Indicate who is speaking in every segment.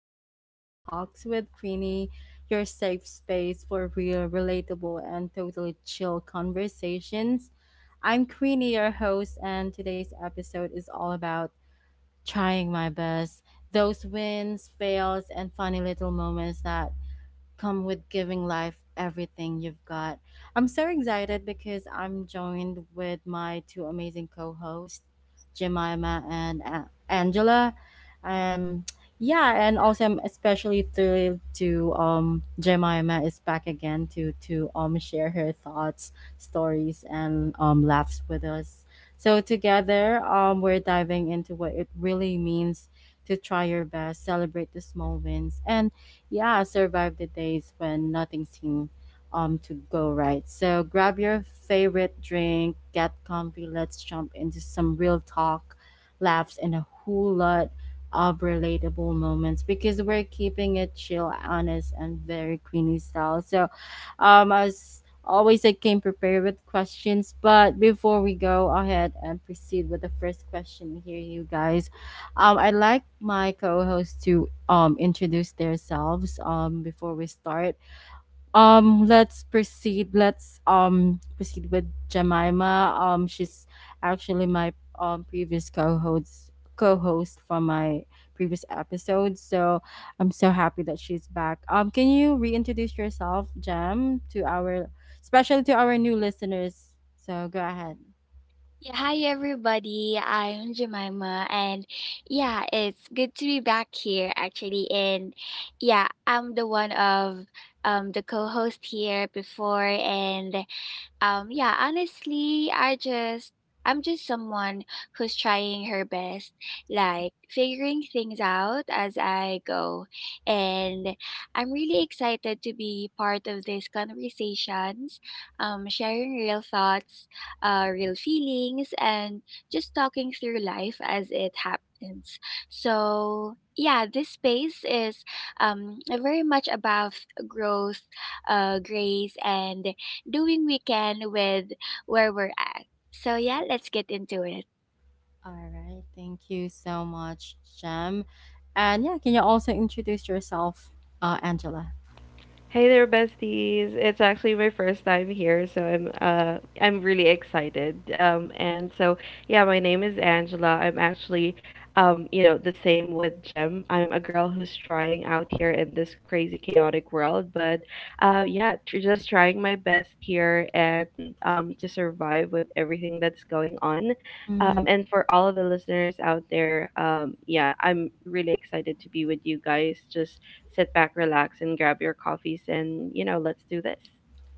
Speaker 1: back to Chill Talks with Queenie, your safe space for real, relatable, and totally chill conversations. I'm Queenie, your host, and today's episode is all about trying my best. Those wins, fails, and funny little moments that come with giving life everything you've got. I'm so excited because I'm joined with my two amazing co-hosts, Jemima and Angela. Um, yeah, and also I'm especially thrilled to Jemima is back again to share her thoughts, stories, and laughs with us. So together, we're diving into what it really means to try your best, celebrate the small wins, and yeah, survive the days when nothing seemed to go right. So grab your favorite drink, get comfy, let's jump into some real talk, laughs, and a whole lot of relatable moments because we're keeping it chill, honest, and very queenie style. So as always I came prepared with questions, but before we go ahead and proceed with the first question here, you guys. I'd like my co-hosts to introduce themselves before we start. Let's proceed. Let's proceed with Jemima. She's actually my previous co-host from my previous episode. So I'm so happy that she's back. Can you reintroduce yourself, Jem, to our especially to our new listeners? So go ahead.
Speaker 2: Yeah, hi everybody. I'm Jemima, and yeah, it's good to be back here actually. And yeah, I'm the one of the co-host here before. And yeah, honestly, I'm just someone who's trying her best, like figuring things out as I go. And I'm really excited to be part of these conversations, sharing real thoughts, real feelings, and just talking through life as it happens. So, yeah, this space is very much about growth, grace, and doing we can with where we're at. So yeah, let's get into it.
Speaker 1: All right. Thank you so much, Jem. And yeah, can you also introduce yourself, Angela?
Speaker 3: Hey there, besties. It's actually my first time here, so I'm really excited. And so yeah, my name is Angela. I'm actually you know, the same with Jem. I'm a girl who's trying out here in this crazy chaotic world, but yeah, just trying my best here and to survive with everything that's going on. Um
Speaker 1: Mhm.
Speaker 3: and for all of the listeners out there, yeah, I'm really excited to be with you guys. Just sit back, relax, and grab your coffees and, you know, let's do this.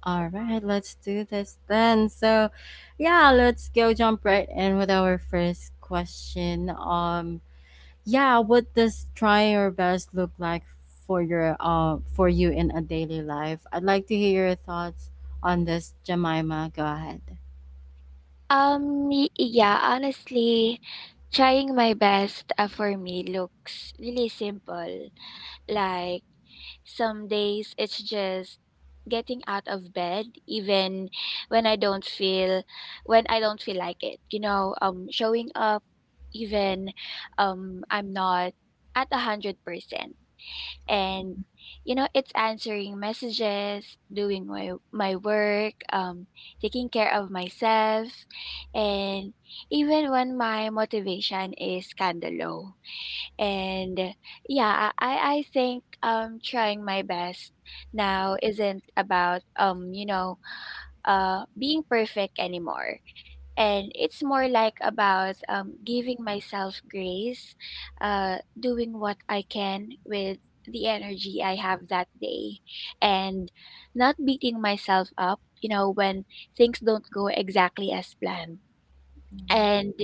Speaker 1: All right, let's do this then. So, yeah, let's go jump right in with our first question. Yeah, what does trying your best look like for your for you in a daily life? I'd like to hear your thoughts on this, Jemima. Go ahead.
Speaker 2: Yeah, honestly, trying my best for me looks really simple. Like some days it's just getting out of bed even when I don't feel when I don't feel like it. You know, showing up even I'm not at 100%. And you know it's answering messages, doing my work, taking care of myself, and even when my motivation is kind of low. And yeah, I think trying my best now isn't about being perfect anymore. And it's more like about, giving myself grace, doing what I can with the energy I have that day, and not beating myself up, you know, when things don't go exactly as planned. And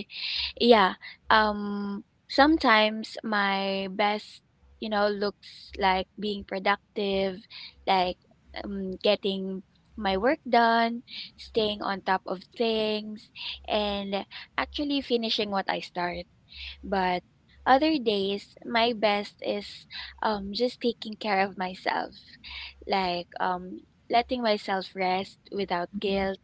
Speaker 2: yeah. Sometimes my best, you know, looks like being productive, like getting my work done, staying on top of things, and actually finishing what I start. But other days my best is just taking care of myself, like letting myself rest without
Speaker 1: Mm-hmm.
Speaker 2: guilt,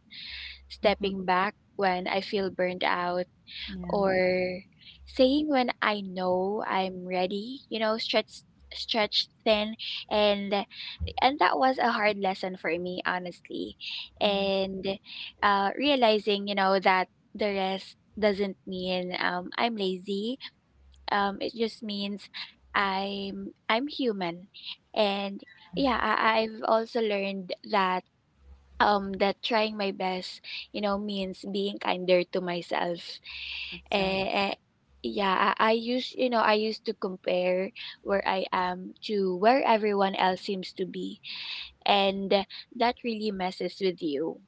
Speaker 1: Mm-hmm.
Speaker 2: stepping back when I feel burned out,
Speaker 1: Yeah.
Speaker 2: or saying when I know I'm ready, you know, stretched thin. And and that was a hard lesson for me, honestly.
Speaker 1: Mm-hmm.
Speaker 2: And realizing, you know, that the rest doesn't mean I'm lazy. It just means I'm human. And yeah, I've also learned that, that trying my best, you know, means being kinder to myself. Eh,
Speaker 1: Exactly.
Speaker 2: eh, yeah, I used to compare where I am to where everyone else seems to be, and that really messes with you.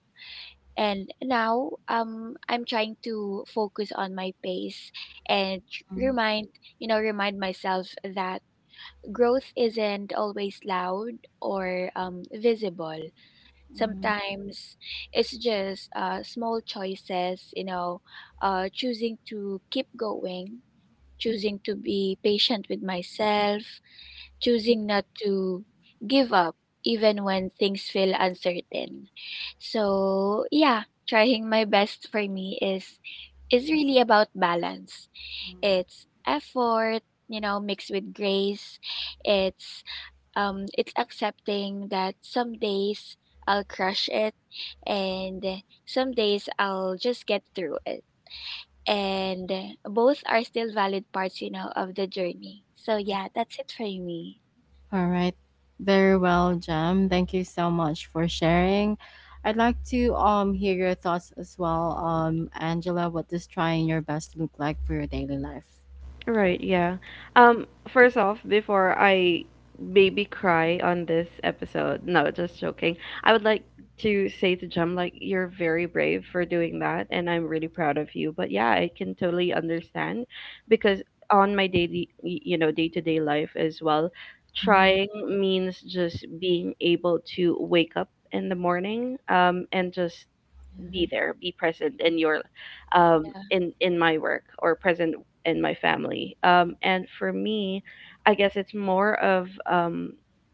Speaker 2: And now, I'm trying to focus on my pace and remind myself that growth isn't always loud or, visible.
Speaker 1: Mm-hmm.
Speaker 2: Sometimes it's just small choices, you know, choosing to keep going, choosing to be patient with myself, choosing not to give up even when things feel uncertain. So yeah, trying my best for me is really about balance.
Speaker 1: Mm-hmm.
Speaker 2: It's effort, you know, mixed with grace. It's accepting that some days I'll crush it and some days I'll just get through it. And both are still valid parts, you know, of the journey. So yeah, that's it for me.
Speaker 1: All right. Very well, Jem. Thank you so much for sharing. I'd like to hear your thoughts as well, Angela, what does trying your best look like for your daily life?
Speaker 3: Right, yeah. First off, before I baby cry on this episode, no, just joking. I would like to say to Jem, like, you're very brave for doing that, and I'm really proud of you. But yeah, I can totally understand because on my daily, you know, day to day life as well,
Speaker 1: Mhm.
Speaker 3: trying means just being able to wake up in the morning, and just be there, be present in your
Speaker 2: Yeah.
Speaker 3: in my work or present in my family. And for me, I guess it's more of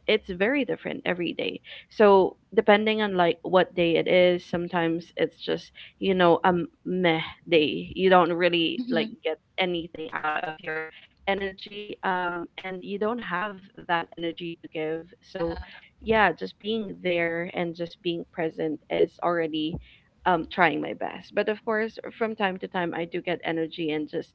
Speaker 3: it's very different every day. So depending on like what day it is, sometimes it's just, you know, a meh day. You don't really
Speaker 2: Hmm.
Speaker 3: like get anything out of your energy and you don't have that energy to give. So yeah, just being there and just being present is already trying my best, but of course from time to time I do get energy and just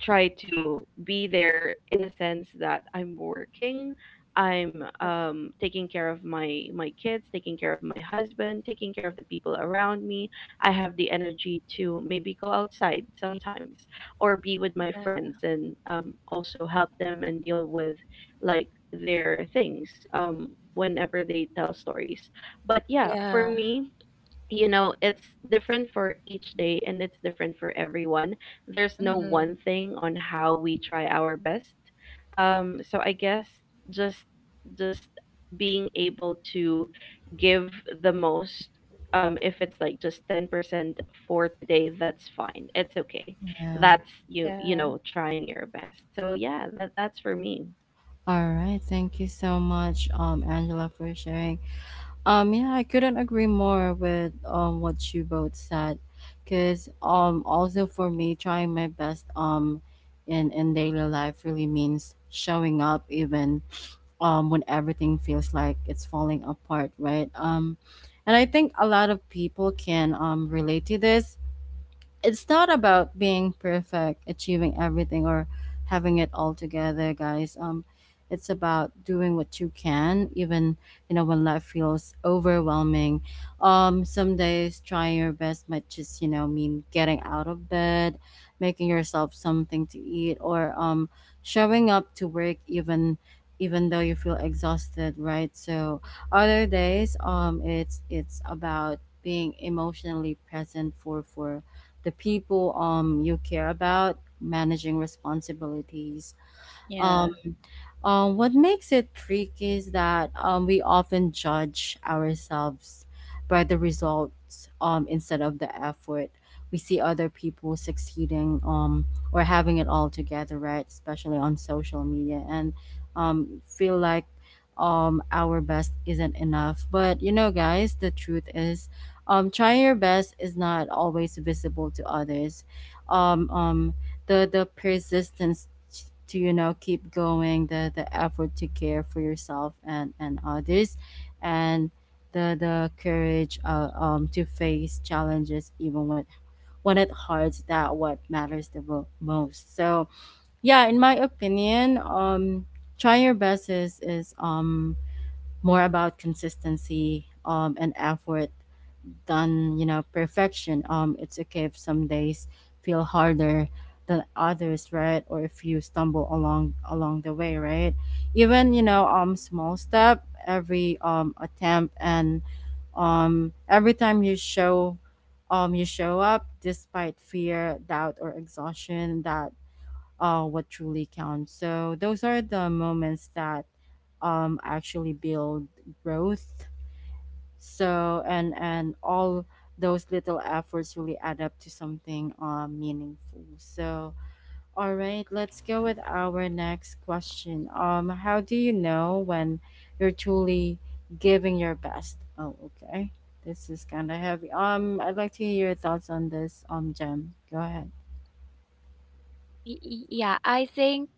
Speaker 3: try to be there in a sense that I'm working, I'm taking care of my kids, taking care of my husband, taking care of the people around me. I have the energy to maybe go outside sometimes or be with my friends
Speaker 2: Yeah.
Speaker 3: and also help them and deal with like their things whenever they tell stories. But yeah, for
Speaker 2: Yeah.
Speaker 3: me, you know, it's different for each day and it's different for everyone. There's no one
Speaker 2: Hmm.
Speaker 3: thing on how we try our best. So I guess just just being able to give the most, if it's like just 10% for today, that's fine, it's okay.
Speaker 1: Yeah.
Speaker 3: That's you, you
Speaker 2: Yeah.
Speaker 3: know, trying your best. So yeah, that that's for me.
Speaker 1: All right. Thank you so much, Angela, for sharing. Yeah, I couldn't agree more with what you both said, because also for me trying my best in daily life really means showing up even when everything feels like it's falling apart, right? And I think a lot of people can relate to this. It's not about being perfect, achieving everything, or having it all together, guys. It's about doing what you can, even you know when life feels overwhelming. Some days trying your best might just you know mean getting out of bed, making yourself something to eat, or showing up to work even even though you feel exhausted, right? So other days, it's about being emotionally present for the people you care about managing responsibilities. um
Speaker 2: Yeah.
Speaker 1: what makes it tricky is that we often judge ourselves by the results, instead of the effort. We see other people succeeding, or having it all together, right? Especially on social media, and feel like our best isn't enough. But you know, guys, the truth is, trying your best is not always visible to others. Um, um, the persistence to you know keep going, the effort to care for yourself and others, and the courage to face challenges even when it hurts, that what matters the most. So yeah, in my opinion, try your best is more about consistency and effort than you know perfection. It's okay if some days feel harder than others, right? Or if you stumble along the way, right? Even you know small step, every attempt, and every time you show up despite fear, doubt, or exhaustion, that what truly counts. So those are the moments that actually build growth. So and all those little efforts really add up to something, meaningful. So all right, let's go with our next question. How do you know when you're truly giving your best? Oh okay, this is kind of heavy. I'd like to hear your thoughts on this, gem go ahead.
Speaker 2: Yeah, I think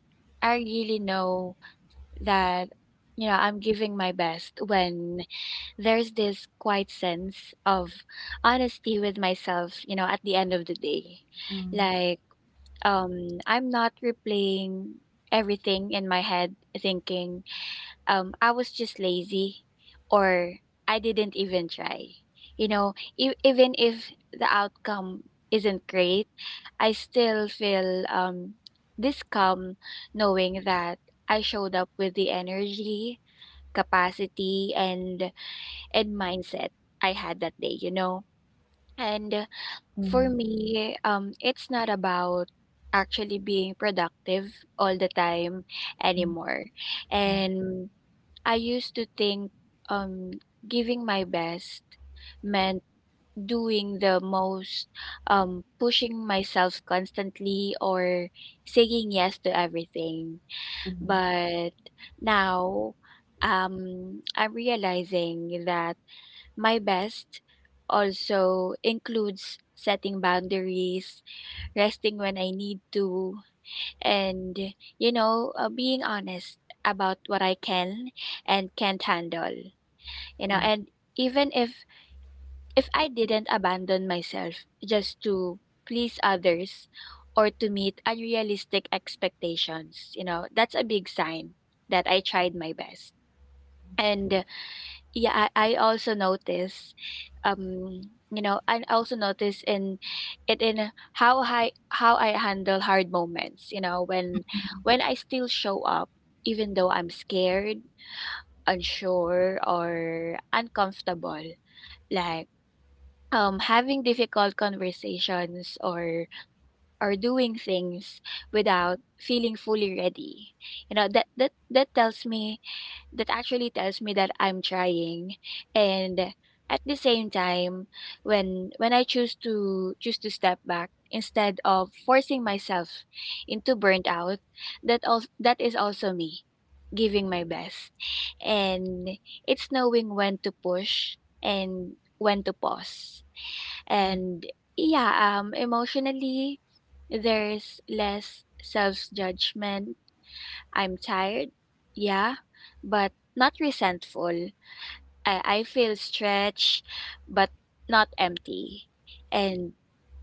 Speaker 2: I really know that, you know, I'm giving my best when there's this quiet sense of honesty with myself, you know, at the end of the day.
Speaker 1: Mm.
Speaker 2: Like, I'm not replaying everything in my head, thinking, I was just lazy or I didn't even try. You know, even if the outcome isn't great, I still feel, this calm knowing that I showed up with the energy, capacity, and mindset I had that day, you know? And for
Speaker 1: Mhm.
Speaker 2: me, it's not about actually being productive all the time
Speaker 1: Mm.
Speaker 2: anymore.
Speaker 1: Yeah.
Speaker 2: And I used to think, um, giving my best meant doing the most, pushing myself constantly, or saying yes to everything.
Speaker 1: Mhm.
Speaker 2: But now, I'm realizing that my best also includes setting boundaries, resting when I need to, and, you know, being honest about what I can and can't handle. You know,
Speaker 1: Mm.
Speaker 2: and even if I didn't abandon myself just to please others or to meet unrealistic expectations, you know, that's a big sign that I tried my best. And yeah, um, I also notice in how I handle hard moments, you know, when I still show up even though I'm scared, unsure, or uncomfortable. Like having difficult conversations, or doing things without feeling fully ready. You know, that that that tells me that actually tells me that I'm trying. And at the same time, when I choose to step back instead of forcing myself into burnt out, that is also me giving my best. And it's knowing when to push and when to pause.
Speaker 1: Mm.
Speaker 2: And yeah, emotionally there's less self judgment. I'm tired, yeah, but not resentful. I feel stretched, but not empty. And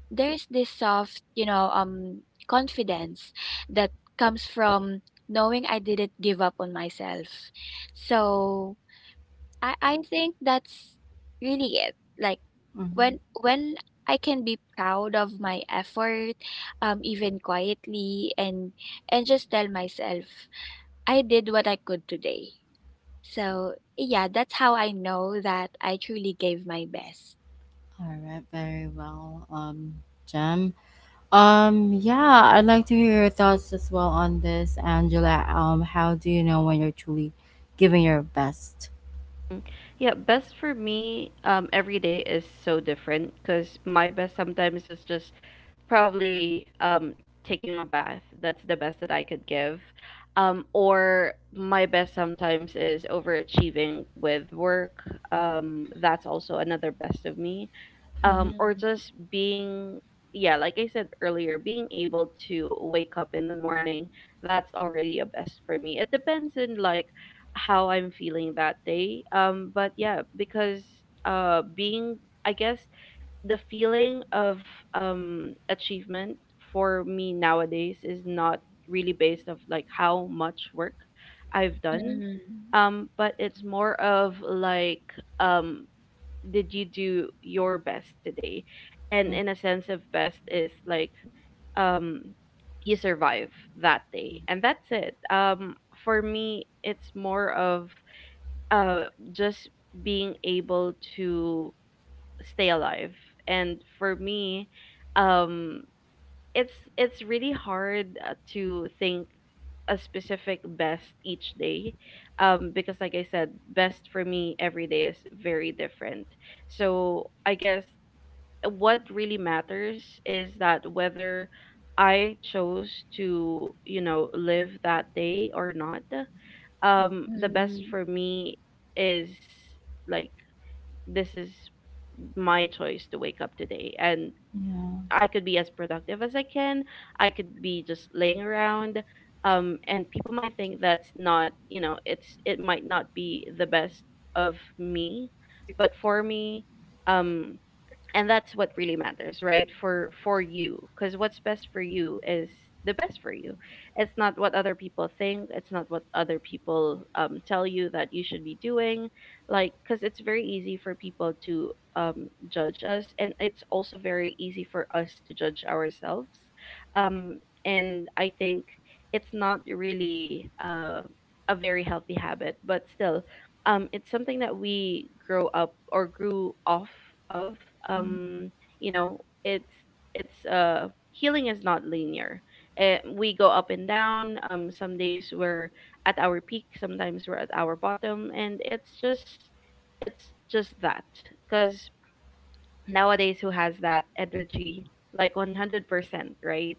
Speaker 2: there's this soft, you know, confidence that comes from knowing I didn't give up on myself. So I think that's really it. Like
Speaker 1: Mhm.
Speaker 2: when I can be proud of my effort, even quietly, and just tell myself I did what I could today. So, yeah, that's how I know that I truly gave my best.
Speaker 1: All right, very well, Jem. Yeah, I'd like to hear your thoughts as well on this, Angela. How do you know when you're truly giving your best?
Speaker 3: Mm. Yeah, best for me, every day is so different because my best sometimes is just probably taking a bath. That's the best that I could give. Or my best sometimes is overachieving with work. That's also another best of me. Or just being, yeah, like I said earlier, being able to wake up in the morning, that's already a best for me. It depends on like how I'm feeling that day. But yeah, because being I guess the feeling of achievement for me nowadays is not really based of like how much work I've done,
Speaker 2: Mm.
Speaker 3: but it's more of like um did you do your best today. And
Speaker 1: Mhm.
Speaker 3: in a sense of best is like um you survive that day and that's it. For me it's more of uh just being able to stay alive. And for me, um, it's really hard to think a specific best each day, because like I said, best for me every day is very different. So I guess what really matters is that whether I chose to, you know, live that day or not. The best
Speaker 2: Mm.
Speaker 3: for me is like, this is my choice to wake up today, and
Speaker 1: Yeah.
Speaker 3: I could be as productive as I can, I could be just laying around, and people might think that's not, you know, it's it might not be the best of me. But for me, um and that's what really matters, right? For you, because what's best for you is the best for you. It's not what other people think, it's not what other people, tell you that you should be doing. Like because it's very easy for people to judge us, and it's also very easy for us to judge ourselves. Um and I think it's not really a very healthy habit, but still it's something that we grow up or grew off of. um you know, it's healing is not linear. It, we go up and down. Some days we're at our peak, sometimes we're at our bottom, and it's just that, because nowadays who has that energy like 100%, right?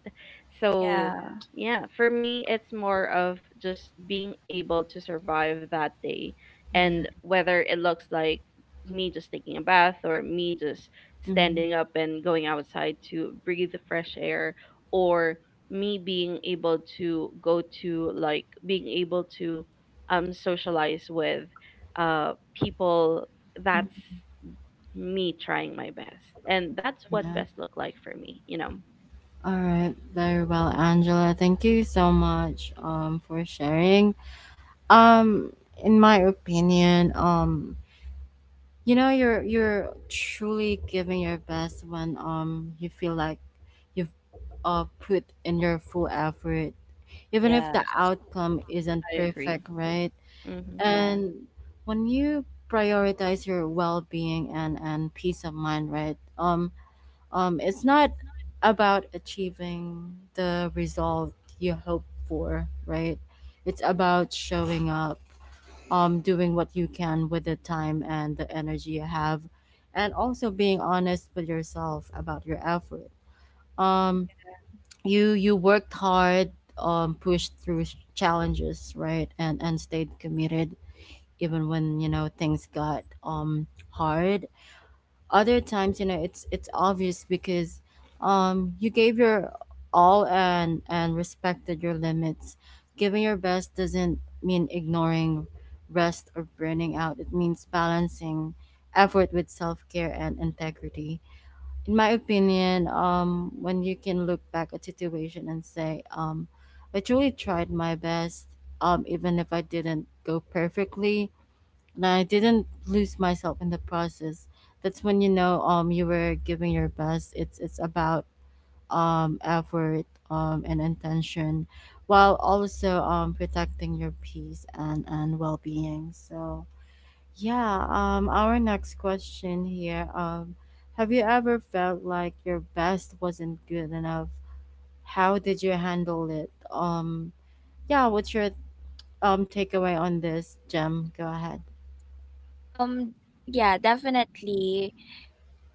Speaker 3: So
Speaker 2: Yeah.
Speaker 3: yeah, for me it's more of just being able to survive that day.
Speaker 1: Yeah.
Speaker 3: And whether it looks like me just taking a bath, or me just
Speaker 1: Mm.
Speaker 3: standing up and going outside to breathe the fresh air, or me being able to go to, like being able to socialize with people, that's
Speaker 1: Mhm.
Speaker 3: me trying my best. And that's what
Speaker 1: Yeah.
Speaker 3: best look like for me, you know.
Speaker 1: All right, very well, Angela. Thank you so much, for sharing. Um, in my opinion, you know, you're truly giving your best when you feel like you've put in your full effort even if the
Speaker 2: Yes.
Speaker 1: outcome isn't
Speaker 3: I
Speaker 1: perfect,
Speaker 3: agree.
Speaker 1: right?
Speaker 3: Mm-hmm.
Speaker 2: Yeah.
Speaker 1: And when you prioritize your well-being and peace of mind, right? It's not about achieving the result you hope for, right? It's about showing up, doing what you can with the time and the energy you have, and also being honest with yourself about your effort. Um you you worked hard, pushed through challenges, right? And stayed committed even when you know things got hard. Other times you know it's obvious because you gave your all and respected your limits. Giving your best doesn't mean ignoring rest or burning out. It means balancing effort with self-care and integrity. In my opinion, when you can look back at situation and say, I truly tried my best, even if I didn't go perfectly, and I didn't lose myself in the process. That's when you know, you were giving your best. It's about effort, and intention, while also protecting your peace and well being. So yeah, our next question here. Have you ever felt like your best wasn't good enough? How did you handle it? Yeah, what's your takeaway on this, Jem? Go ahead.
Speaker 2: Um yeah, definitely.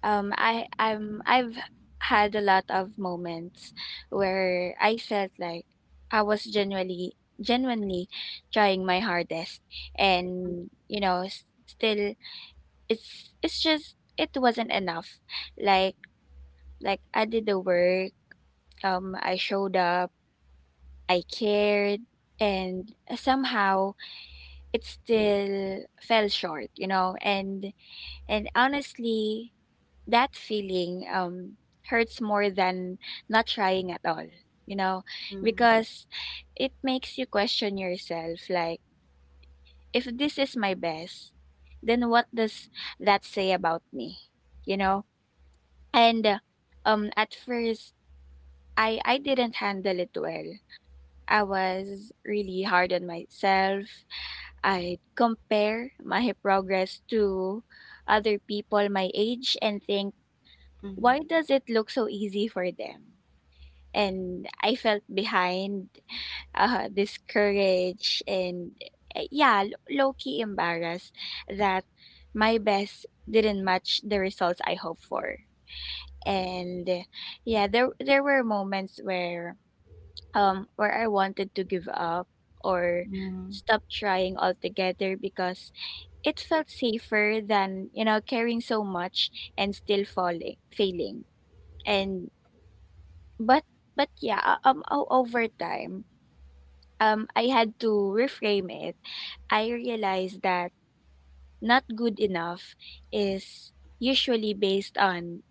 Speaker 2: I've had a lot of moments where I felt like I was genuinely trying my hardest, and you know, still it wasn't enough. Like like I did the work. I showed up, I cared, and somehow it still fell short, you know. And honestly, that feeling hurts more than not trying at all, you know,
Speaker 1: Mm-hmm.
Speaker 2: because it makes you question yourself. Like, if this is my best, then what does that say about me, you know? And at first, I didn't handle it well. I was really hard on myself. I'd compare my progress to other people my age and think, why
Speaker 1: Mm-hmm.
Speaker 2: does it look so easy for them? And I felt behind, discouraged, and, yeah, low key embarrassed that my best didn't match the results I hoped for. And yeah, there were moments where I wanted to give up or
Speaker 1: Mm-hmm.
Speaker 2: stop trying altogether because it felt safer than, you know, caring so much and still falling failing and but over time, I had to reframe it. I realized that "not good enough" is usually based on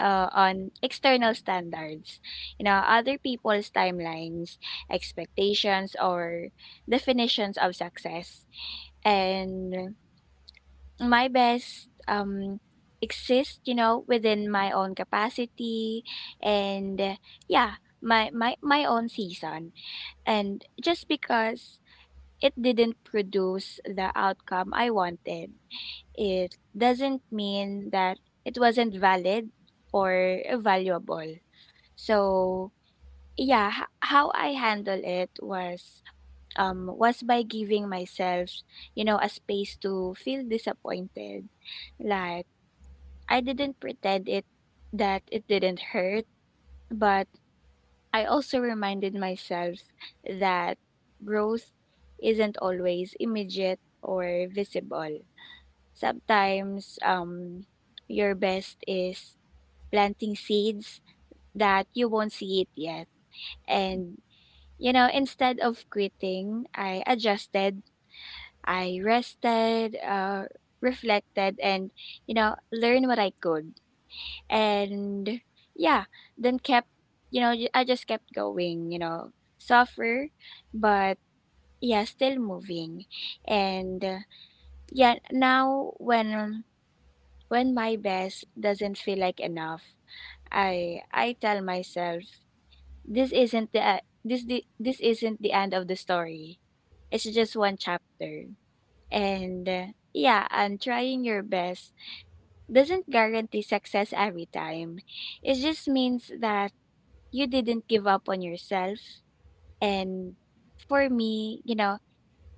Speaker 2: uh, on external standards, you know, other people's timelines, expectations, or definitions of success. And my best, exists, you know, within my own capacity, and, yeah, my own season. And just because it didn't produce the outcome I wanted, it doesn't mean that it wasn't valid or valuable. So yeah, how I handle it was by giving myself, you know, a space to feel disappointed. Like, I didn't pretend it that it didn't hurt, but I also reminded myself that growth isn't always immediate or visible. Sometimes your best is planting seeds that you won't see it yet. And you know, instead of quitting, I adjusted, I rested, reflected, and, you know, learned what I could. And yeah, then kept, you know, I just kept going, you know, suffer, but yeah, still moving. And, yeah, now when my best doesn't feel like enough, I tell myself, This isn't the e this isn't the end of the story. It's just one chapter. And uh, yeah, and trying your best doesn't guarantee success every time. It just means that you didn't give up on yourself. And for me, you know,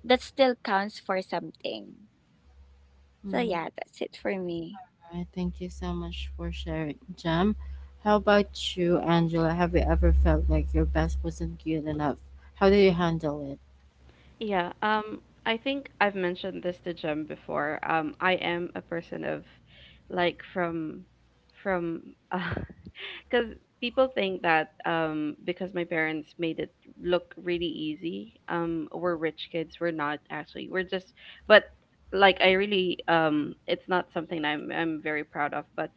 Speaker 2: that still counts for something. So
Speaker 1: Mm-hmm.
Speaker 2: yeah, that's it for me.
Speaker 1: All right, thank you so much for sharing, Jem. How about you, Angela? Have you ever felt like your best wasn't good enough? How do you handle it?
Speaker 3: Yeah, I think I've mentioned this to Jem before. I am a person of, like, from, uh, because people think that because my parents made it look really easy, we're rich kids. We're not actually. We're just, but like I really, it's not something I'm very proud of. But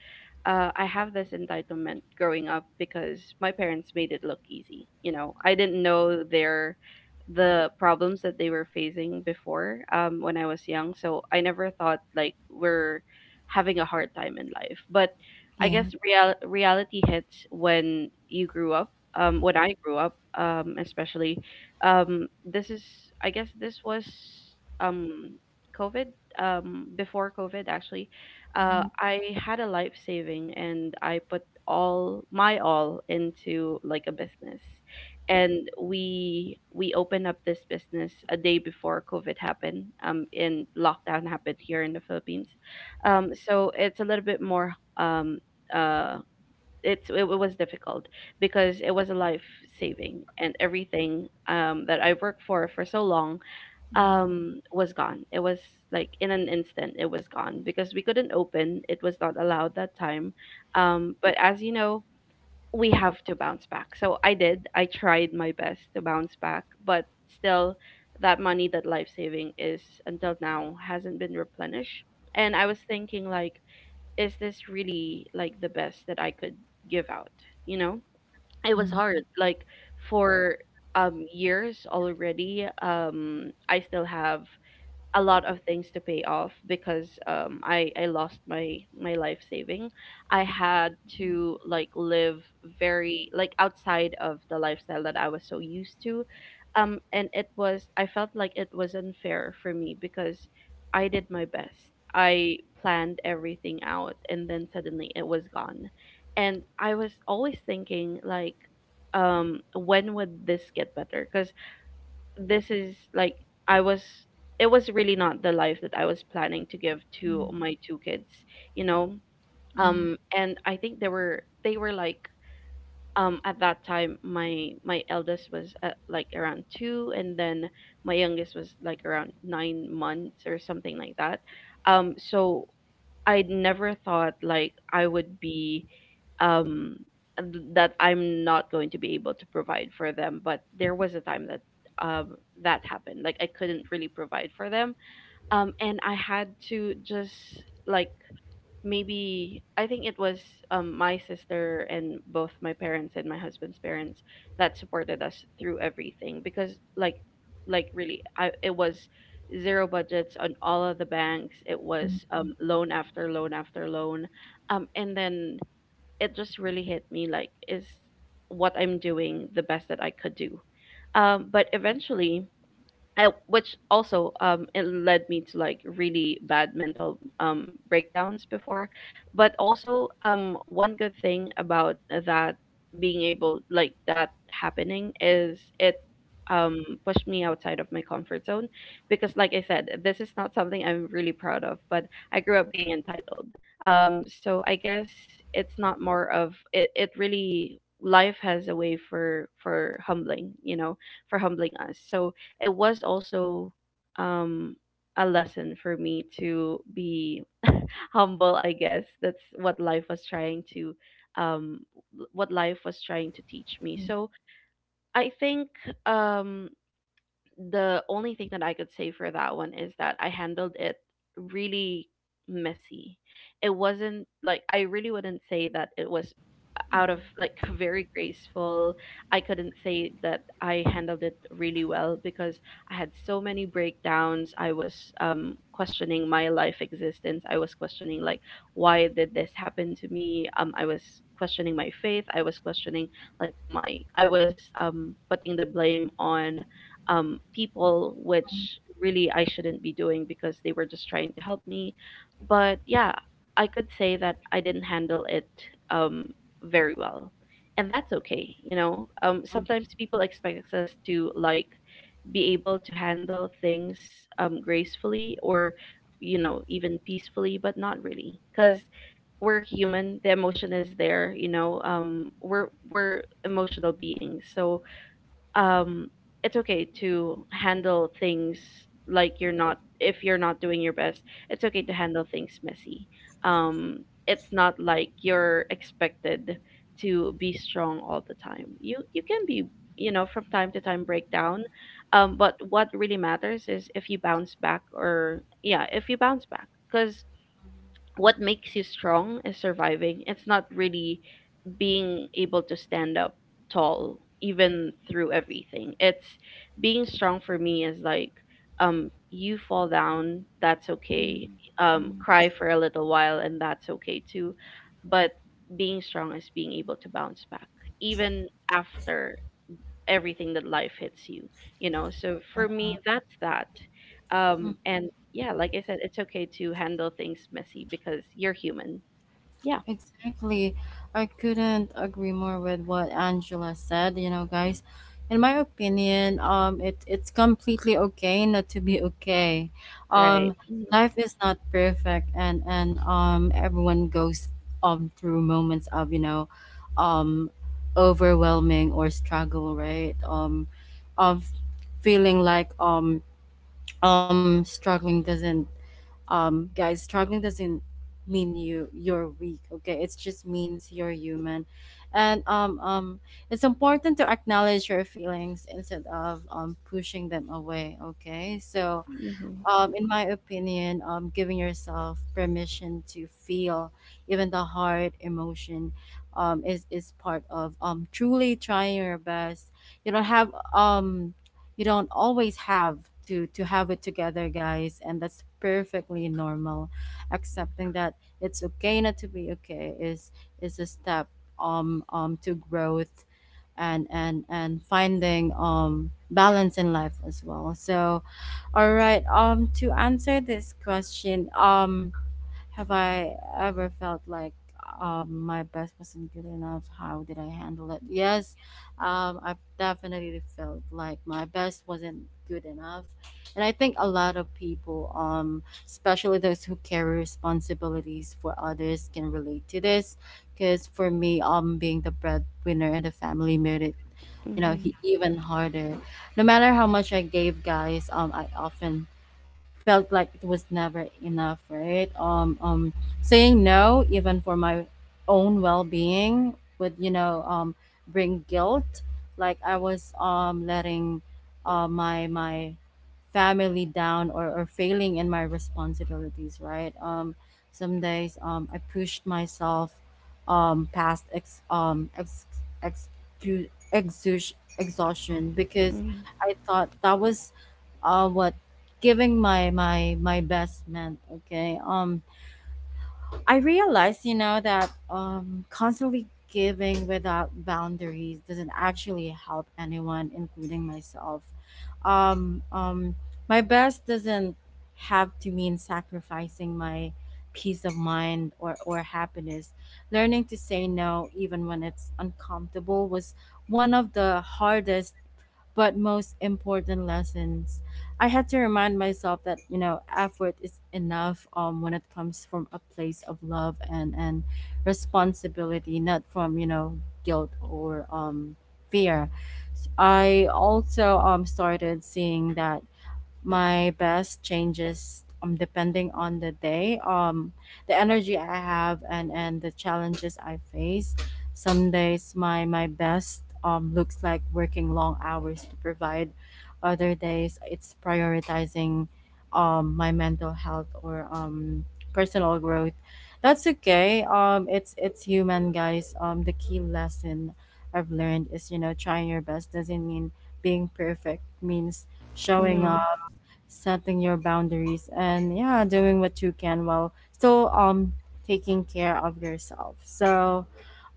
Speaker 3: I have this entitlement growing up because my parents made it look easy. You know, I didn't know the problems that they were facing before when I was young. So I never thought like we're having a hard time in life. But I
Speaker 1: Yeah.
Speaker 3: guess real reality hits when you grew up. When I grew up, especially, this is, I guess this was, um COVID. Before COVID, actually,
Speaker 1: Mm-hmm.
Speaker 3: I had a life saving and I put all my all into like a business, and we opened up this business a day before COVID happened. And lockdown happened here in the Philippines, so it's a little bit more uh it's it, was difficult because it was a life saving and everything that I worked for so long
Speaker 1: Mm-hmm.
Speaker 3: was gone. It was like in an instant it was gone because we couldn't open. It was not allowed that time. But as you know, we have to bounce back. So I did. I tried my best to bounce back, but still that money, that life saving is until now hasn't been replenished. And I was thinking like is this really like the best that I could give out? You know, it was hard. Like for years already, I still have a lot of things to pay off because I lost my life saving. I had to like live very like outside of the lifestyle that I was so used to. And it was, I felt like it was unfair for me because I did my best. I planned everything out and then suddenly it was gone. And I was always thinking like when would this get better? Because this is like I was it was really not the life that I was planning to give to
Speaker 1: Mm-hmm.
Speaker 3: my two kids, you know. And I think they were like at that time my my eldest was like around 2, and then my youngest was like around 9 months or something like that. So I never thought like I would be um that I'm not going to be able to provide for them, but there was a time that um that happened. Like I couldn't really provide for them. And I had to just like maybe, I think it was my sister and both my parents and my husband's parents that supported us through everything. Because like really, I, it was zero budgets on all of the banks. It was loan after loan after loan, and then it just really hit me like is what I'm doing the best that I could do. But eventually which also it led me to like really bad mental breakdowns before. But also one good thing about that being able like that happening is it pushed me outside of my comfort zone, because like I said this is not something I'm really proud of, but I grew up being entitled. So I guess it's not more of it, it really, life has a way for humbling, you know, for humbling us. So it was also um a lesson for me to be humble, I guess. That's what life was trying to um teach me. So I think um the only thing that I could say for that one is that I handled it really messy. It wasn't like, I really wouldn't say that it was out of like very graceful. I couldn't say that I handled it really well because I had so many breakdowns. I was questioning my life existence. I was questioning, like, why did this happen to me? I was questioning my faith. I was questioning like my I was putting the blame on people, which really I shouldn't be doing because they were just trying to help me. But yeah, I could say that I didn't handle it um, very well. And that's okay. Sometimes people expect us to, like, be able to handle things gracefully or, even peacefully, but not really. Because we're human, the emotion is there, you know, we're emotional beings. So um it's okay to handle things, like, you're not, if you're not doing your best. It's okay to handle things messy. um it's not like you're expected to be strong all the time. You can be, you know, from time to time, break down. But what really matters is if you bounce back. Or yeah, if you bounce back, because what makes you strong is surviving. It's not really being able to stand up tall even through everything. It's being strong for me is like you fall down, that's okay. Cry for a little while, and that's okay too. But being strong is being able to bounce back even after everything that life hits you, you know. So for me that's that.
Speaker 1: Mm-hmm.
Speaker 3: And yeah, like I said, it's okay to handle things messy because you're human. Yeah.
Speaker 1: Exactly. I couldn't agree more with what Angela said, you know, guys. In my opinion, it it's completely okay not to be okay.
Speaker 3: Right.
Speaker 1: Um life is not perfect and everyone goes through moments of, you know, um overwhelming or struggle, right? Of feeling like um struggling doesn't struggling doesn't mean you you're weak, okay? It just means you're human. And it's important to acknowledge your feelings instead of pushing them away, okay? So
Speaker 3: Mm-hmm.
Speaker 1: in my opinion, giving yourself permission to feel even the hard emotion is part of truly trying your best. You don't have you don't always have to have it together, guys, and that's perfectly normal. Accepting that it's okay not to be okay is a step to growth and finding balance in life as well. So all right. To answer this question, have I ever felt like my best wasn't good enough? How did I handle it? Yes, I've definitely felt like my best wasn't good enough. And I think a lot of people, especially those who carry responsibilities for others, can relate to this. Because for me, being the breadwinner in the family made it you know
Speaker 3: Mm-hmm.
Speaker 1: even harder. No matter how much I gave, guys, I often felt like it was never enough, right? Saying no, even for my own well-being, would you know, bring guilt. Like I was letting, my my family down, or failing in my responsibilities, right? Some days I pushed myself, past ex ex ex exhaustion because I thought that was what giving my my best man. Okay, I realized you know that constantly giving without boundaries doesn't actually help anyone, including myself. um um my best doesn't have to mean sacrificing my peace of mind or happiness. Learning to say no even when it's uncomfortable was one of the hardest but most important lessons. I have to remind myself that you know effort is enough when it comes from a place of love and responsibility, not from you know guilt or fear. I also started seeing that my best changes depending on the day, the energy I have, and the challenges I face. Some days my best looks like working long hours to provide. Other days it's prioritizing my mental health or personal growth. That's okay. It's human, guys. The key lesson I've learned is, you know, trying your best doesn't mean being perfect, means showing
Speaker 3: Mm-hmm.
Speaker 1: up, setting your boundaries, and yeah, doing what you can while still taking care of yourself. So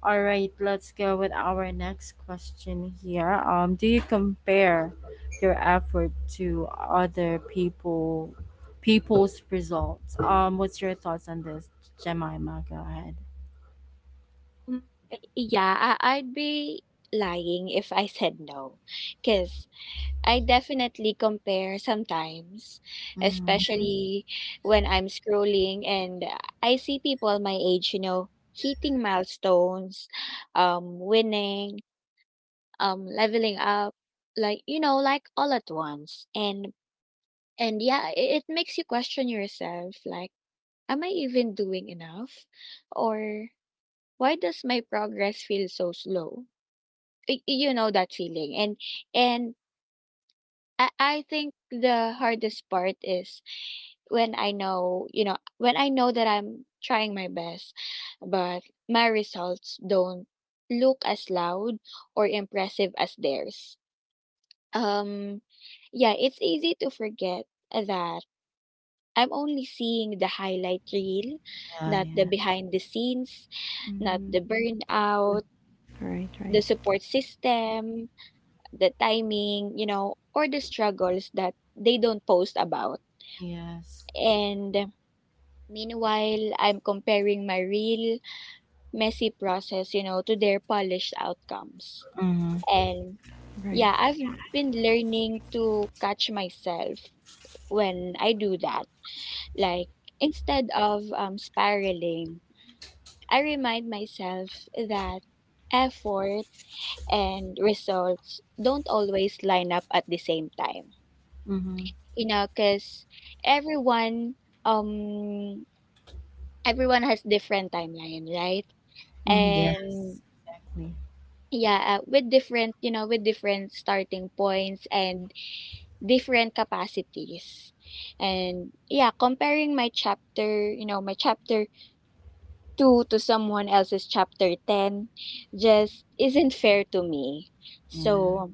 Speaker 1: all right, let's go with our next question here. Do you compare your effort to other people's results? What's your thoughts on this, Jemima? Go ahead.
Speaker 2: Mm.
Speaker 1: Yep.
Speaker 2: Yeah, I'd be lying if I said no. Because I definitely compare sometimes,
Speaker 1: mm,
Speaker 2: especially when I'm scrolling and I see people my age, you know, hitting milestones, winning, leveling up, like you know, like all at once. And yeah, it makes you question yourself, like, am I even doing enough, or why does my progress feel so slow? You know that feeling, and I think the hardest part is when I know that I'm trying my best, but my results don't look as loud or impressive as theirs. Um, yeah, it's easy to forget that I'm only seeing the highlight reel,
Speaker 1: yeah,
Speaker 2: not the
Speaker 1: yeah.
Speaker 2: behind the scenes, not
Speaker 1: Mm,
Speaker 2: the burnout,
Speaker 3: Right,
Speaker 2: the
Speaker 3: right,
Speaker 2: support system, the timing, you know, or the struggles that they don't post about.
Speaker 1: yes.
Speaker 2: And meanwhile, I'm comparing my real messy process, you know, to their polished outcomes.
Speaker 1: Mm-hmm.
Speaker 2: And
Speaker 3: right.
Speaker 2: yeah, I've been learning to catch myself when I do that. Like instead of, spiraling, I remind myself that effort and results don't always line up at the same time.
Speaker 1: Mm-hmm.
Speaker 2: You know, because everyone um everyone has different timeline, right?
Speaker 1: Mm, yes,
Speaker 2: And
Speaker 1: exactly.
Speaker 2: yeah, with different with different starting points and different capacities. And yeah, comparing my chapter, my chapter 2 to someone else's chapter 10 just isn't fair to me. So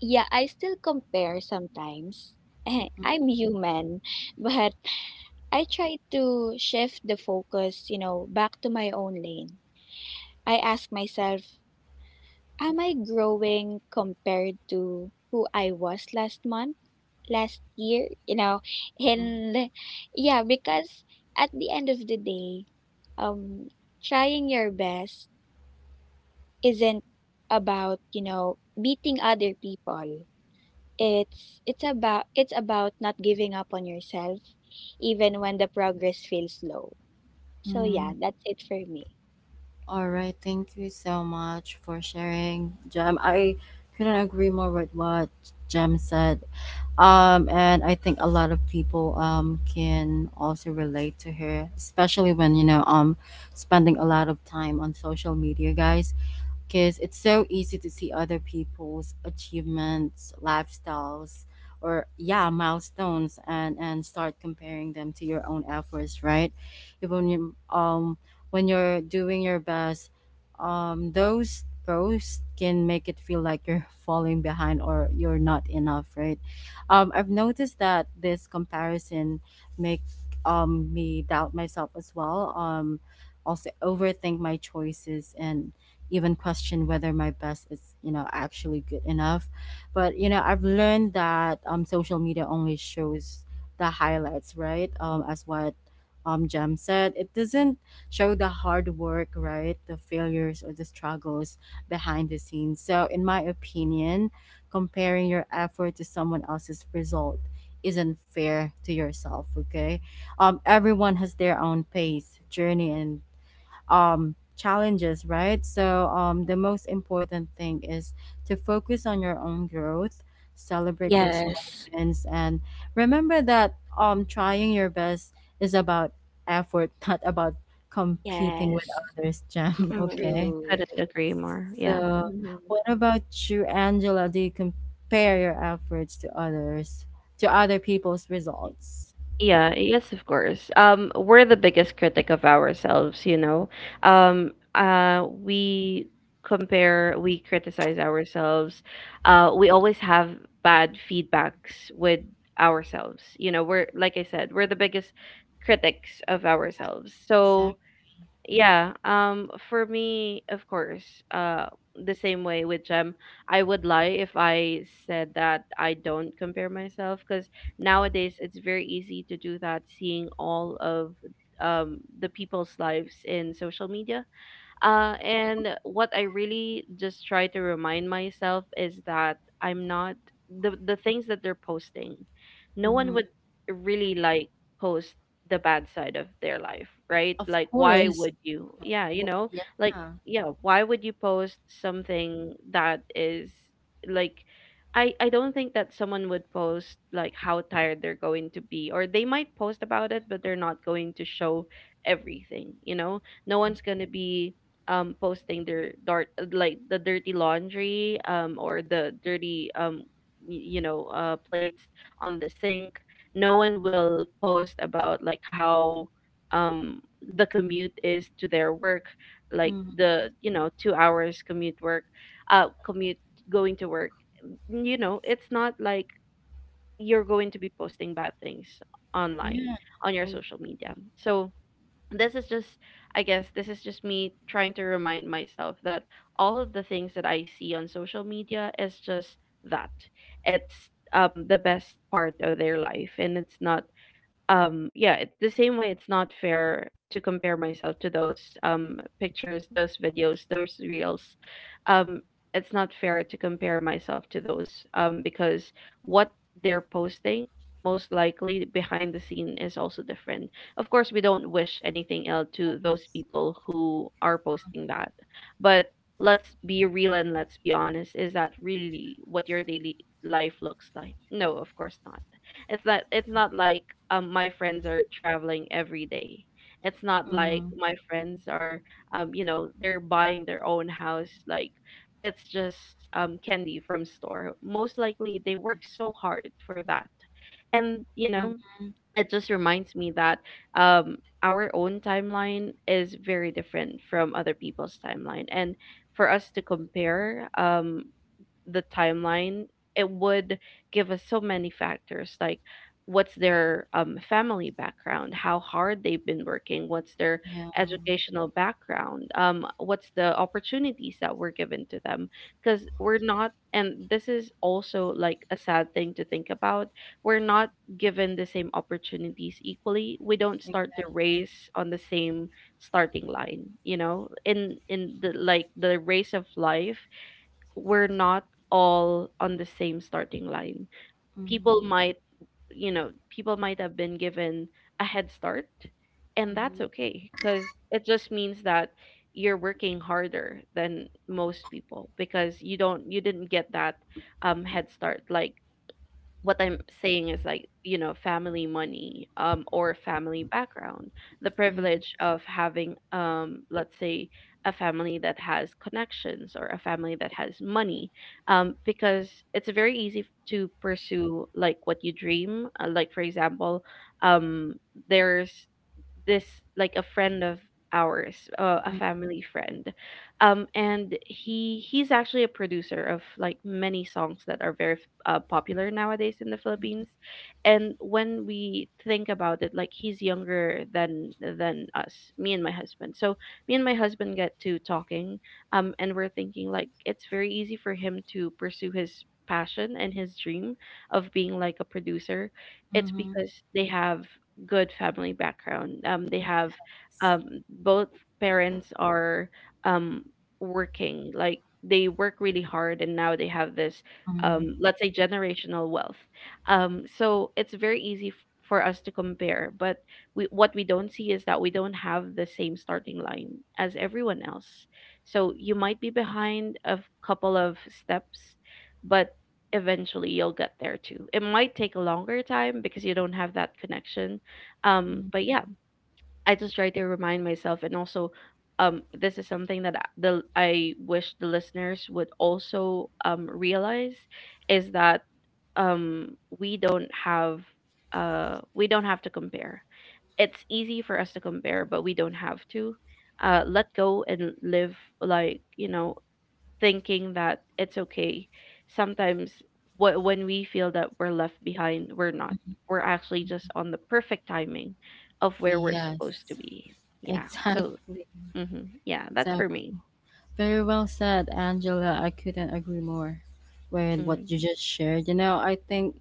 Speaker 2: yeah, I still compare sometimes. Eh, I'm human, but I try to shift the focus, you know, back to my own lane. I ask myself, am I growing compared to who I was last month, last year? You know,
Speaker 1: Yeah.
Speaker 2: and yeah, because at the end of the day, um, trying your best isn't about, you know, beating other people. It's about not giving up on yourself, even when the progress feels slow. So yeah,
Speaker 1: Mm,
Speaker 2: that's it for me.
Speaker 1: all right. Thank you so much for sharing, Jem. I couldn't agree more with what Jem said. And I think a lot of people can also relate to her, especially when, you know, spending a lot of time on social media, guys, because it's so easy to see other people's achievements, lifestyles, or yeah, milestones, and start comparing them to your own efforts, right? Even you, when you're doing your best, those posts can make it feel like you're falling behind or you're not enough, right? I've noticed that this comparison make me doubt myself as well. Also overthink my choices and even question whether my best is, you know, actually good enough. But you know, I've learned that social media only shows the highlights, right? As what Jem said, it doesn't show the hard work, right? The failures or the struggles behind the scenes. So in my opinion, comparing your effort to someone else's result isn't fair to yourself, okay? Everyone has their own pace, journey, and challenges, right? So the most important thing is to focus on your own growth, celebrate your small
Speaker 2: Yes.
Speaker 1: wins, and remember that trying your best is about effort, not about competing with
Speaker 2: Yes,
Speaker 1: others, Jam.
Speaker 3: Mm,
Speaker 1: Okay,
Speaker 2: true.
Speaker 3: couldn't agree more. Yeah.
Speaker 1: so
Speaker 2: Mm-hmm.
Speaker 1: what about you, Angela? Do you compare your efforts to others, to other people's results?
Speaker 3: Yeah, yes, of course. We're the biggest critic of ourselves, you know. We compare, we criticize ourselves. We always have bad feedbacks with ourselves. You know, we're, like I said, we're the biggest critics of ourselves.
Speaker 1: Exactly.
Speaker 3: So, yeah, for me, of course, the same way with Gem, I would lie if I said that I don't compare myself, because nowadays it's very easy to do that, seeing all of the people's lives in social media. And what I really just try to remind myself is that I'm not the things that they're posting. No one would really, like, post the bad side of their life, right?
Speaker 1: Of
Speaker 3: Like, why
Speaker 1: course.
Speaker 3: would you? Yeah, you
Speaker 1: Wh-
Speaker 3: know, like,
Speaker 1: yeah.
Speaker 3: yeah, why would you post something that is, like, I don't think that someone would post, like, how tired they're going to be, or they might post about it, but they're not going to show everything, you know. No one's going to be posting their dirt, like the dirty laundry or the dirty you know, plates on the sink. No one will post about, like, how um the commute is to their work, like,
Speaker 1: Mhm.
Speaker 3: the, you know, 2 hours commute, work commute going to work. Mm, you know, it's not like you're going to be posting bad things online,
Speaker 1: Yeah.
Speaker 3: on your social media. So this is just, I guess this is just me trying to remind myself that all of the things that I see on social media is just that. It's the best part of their life and it's not. Yeah, it's the same way. It's not fair to compare myself to those pictures, those videos, those reels um it's not fair to compare myself to those, because what they're posting most likely behind the scene is also different. Of course we don't wish anything ill
Speaker 1: Yes.
Speaker 3: to those people who are posting that, but let's be real and let's be honest, is that really what your daily life looks like? No, of course not. It's not. It's not like my friends are traveling every day. It's not
Speaker 1: Mhm.
Speaker 3: like my friends are, you know, they're buying their own house, like, it's just candy from store. Most likely they work so hard for that. And you know,
Speaker 1: Mhm.
Speaker 3: it just reminds me that um our own timeline is very different from other people's timeline, and for us to compare the timeline, it would give us so many factors, like what's their family background, how hard they've been working, what's their
Speaker 1: Yeah.
Speaker 3: educational background, what's the opportunities that were given to them. Because we're not, and this is also like a sad thing to think about, we're not given the same opportunities equally. We don't start the
Speaker 1: Exactly.
Speaker 3: race on the same starting line, you know, in the, like, the race of life, we're not all on the same starting line. People
Speaker 1: Mhm.
Speaker 3: might, you know, people might have been given a head start, and
Speaker 1: Mhm.
Speaker 3: that's okay, because it just means that you're working harder than most people, because you didn't get that head start. Like, what I'm saying is, like, you know, family money or family background. The
Speaker 1: Yeah.
Speaker 3: privilege of having, let's say, a family that has connections, or a family that has money. Because it's very easy to pursue, like, what you dream. Like, for example, um there's this, like, a friend of ours, a
Speaker 1: Mhm.
Speaker 3: family friend, and he's actually a producer of, like, many songs that are very, popular nowadays in the Philippines. And when we think about it, like, he's younger than us, me and my husband. So me and my husband get to talking, and we're thinking, like, it's very easy for him to pursue his passion and his dream of being, like, a producer. It's
Speaker 1: Mhm.
Speaker 3: because they have good family background, they have
Speaker 1: S-
Speaker 3: um both parents are um working, like, they work really hard, and now they have this,
Speaker 1: mhm.
Speaker 3: let's say, generational wealth. So it's very easy for us to compare, but we, what we don't see is that we don't have the same starting line as everyone else. So you might be behind a couple of steps, but eventually you'll get there too. It might take a longer time because you don't have that connection,
Speaker 1: Mhm.
Speaker 3: but yeah, I just try to remind myself, and also this is something that I- the I wish the listeners would also realize, is that um we don't have we don't have to compare. It's easy for us to compare but we don't have to. Let go and live, like, you know, thinking that it's okay. Sometimes, when we feel that we're left behind, we're not. We're actually just on the perfect timing of where we're supposed to
Speaker 1: Yes.
Speaker 3: be. Yeah. So,
Speaker 1: Exactly.
Speaker 3: yeah, that's for
Speaker 1: Exactly.
Speaker 3: me.
Speaker 1: Very well said, Angela. I couldn't agree more with what
Speaker 3: Mm-hmm.
Speaker 1: you just shared. You know, I think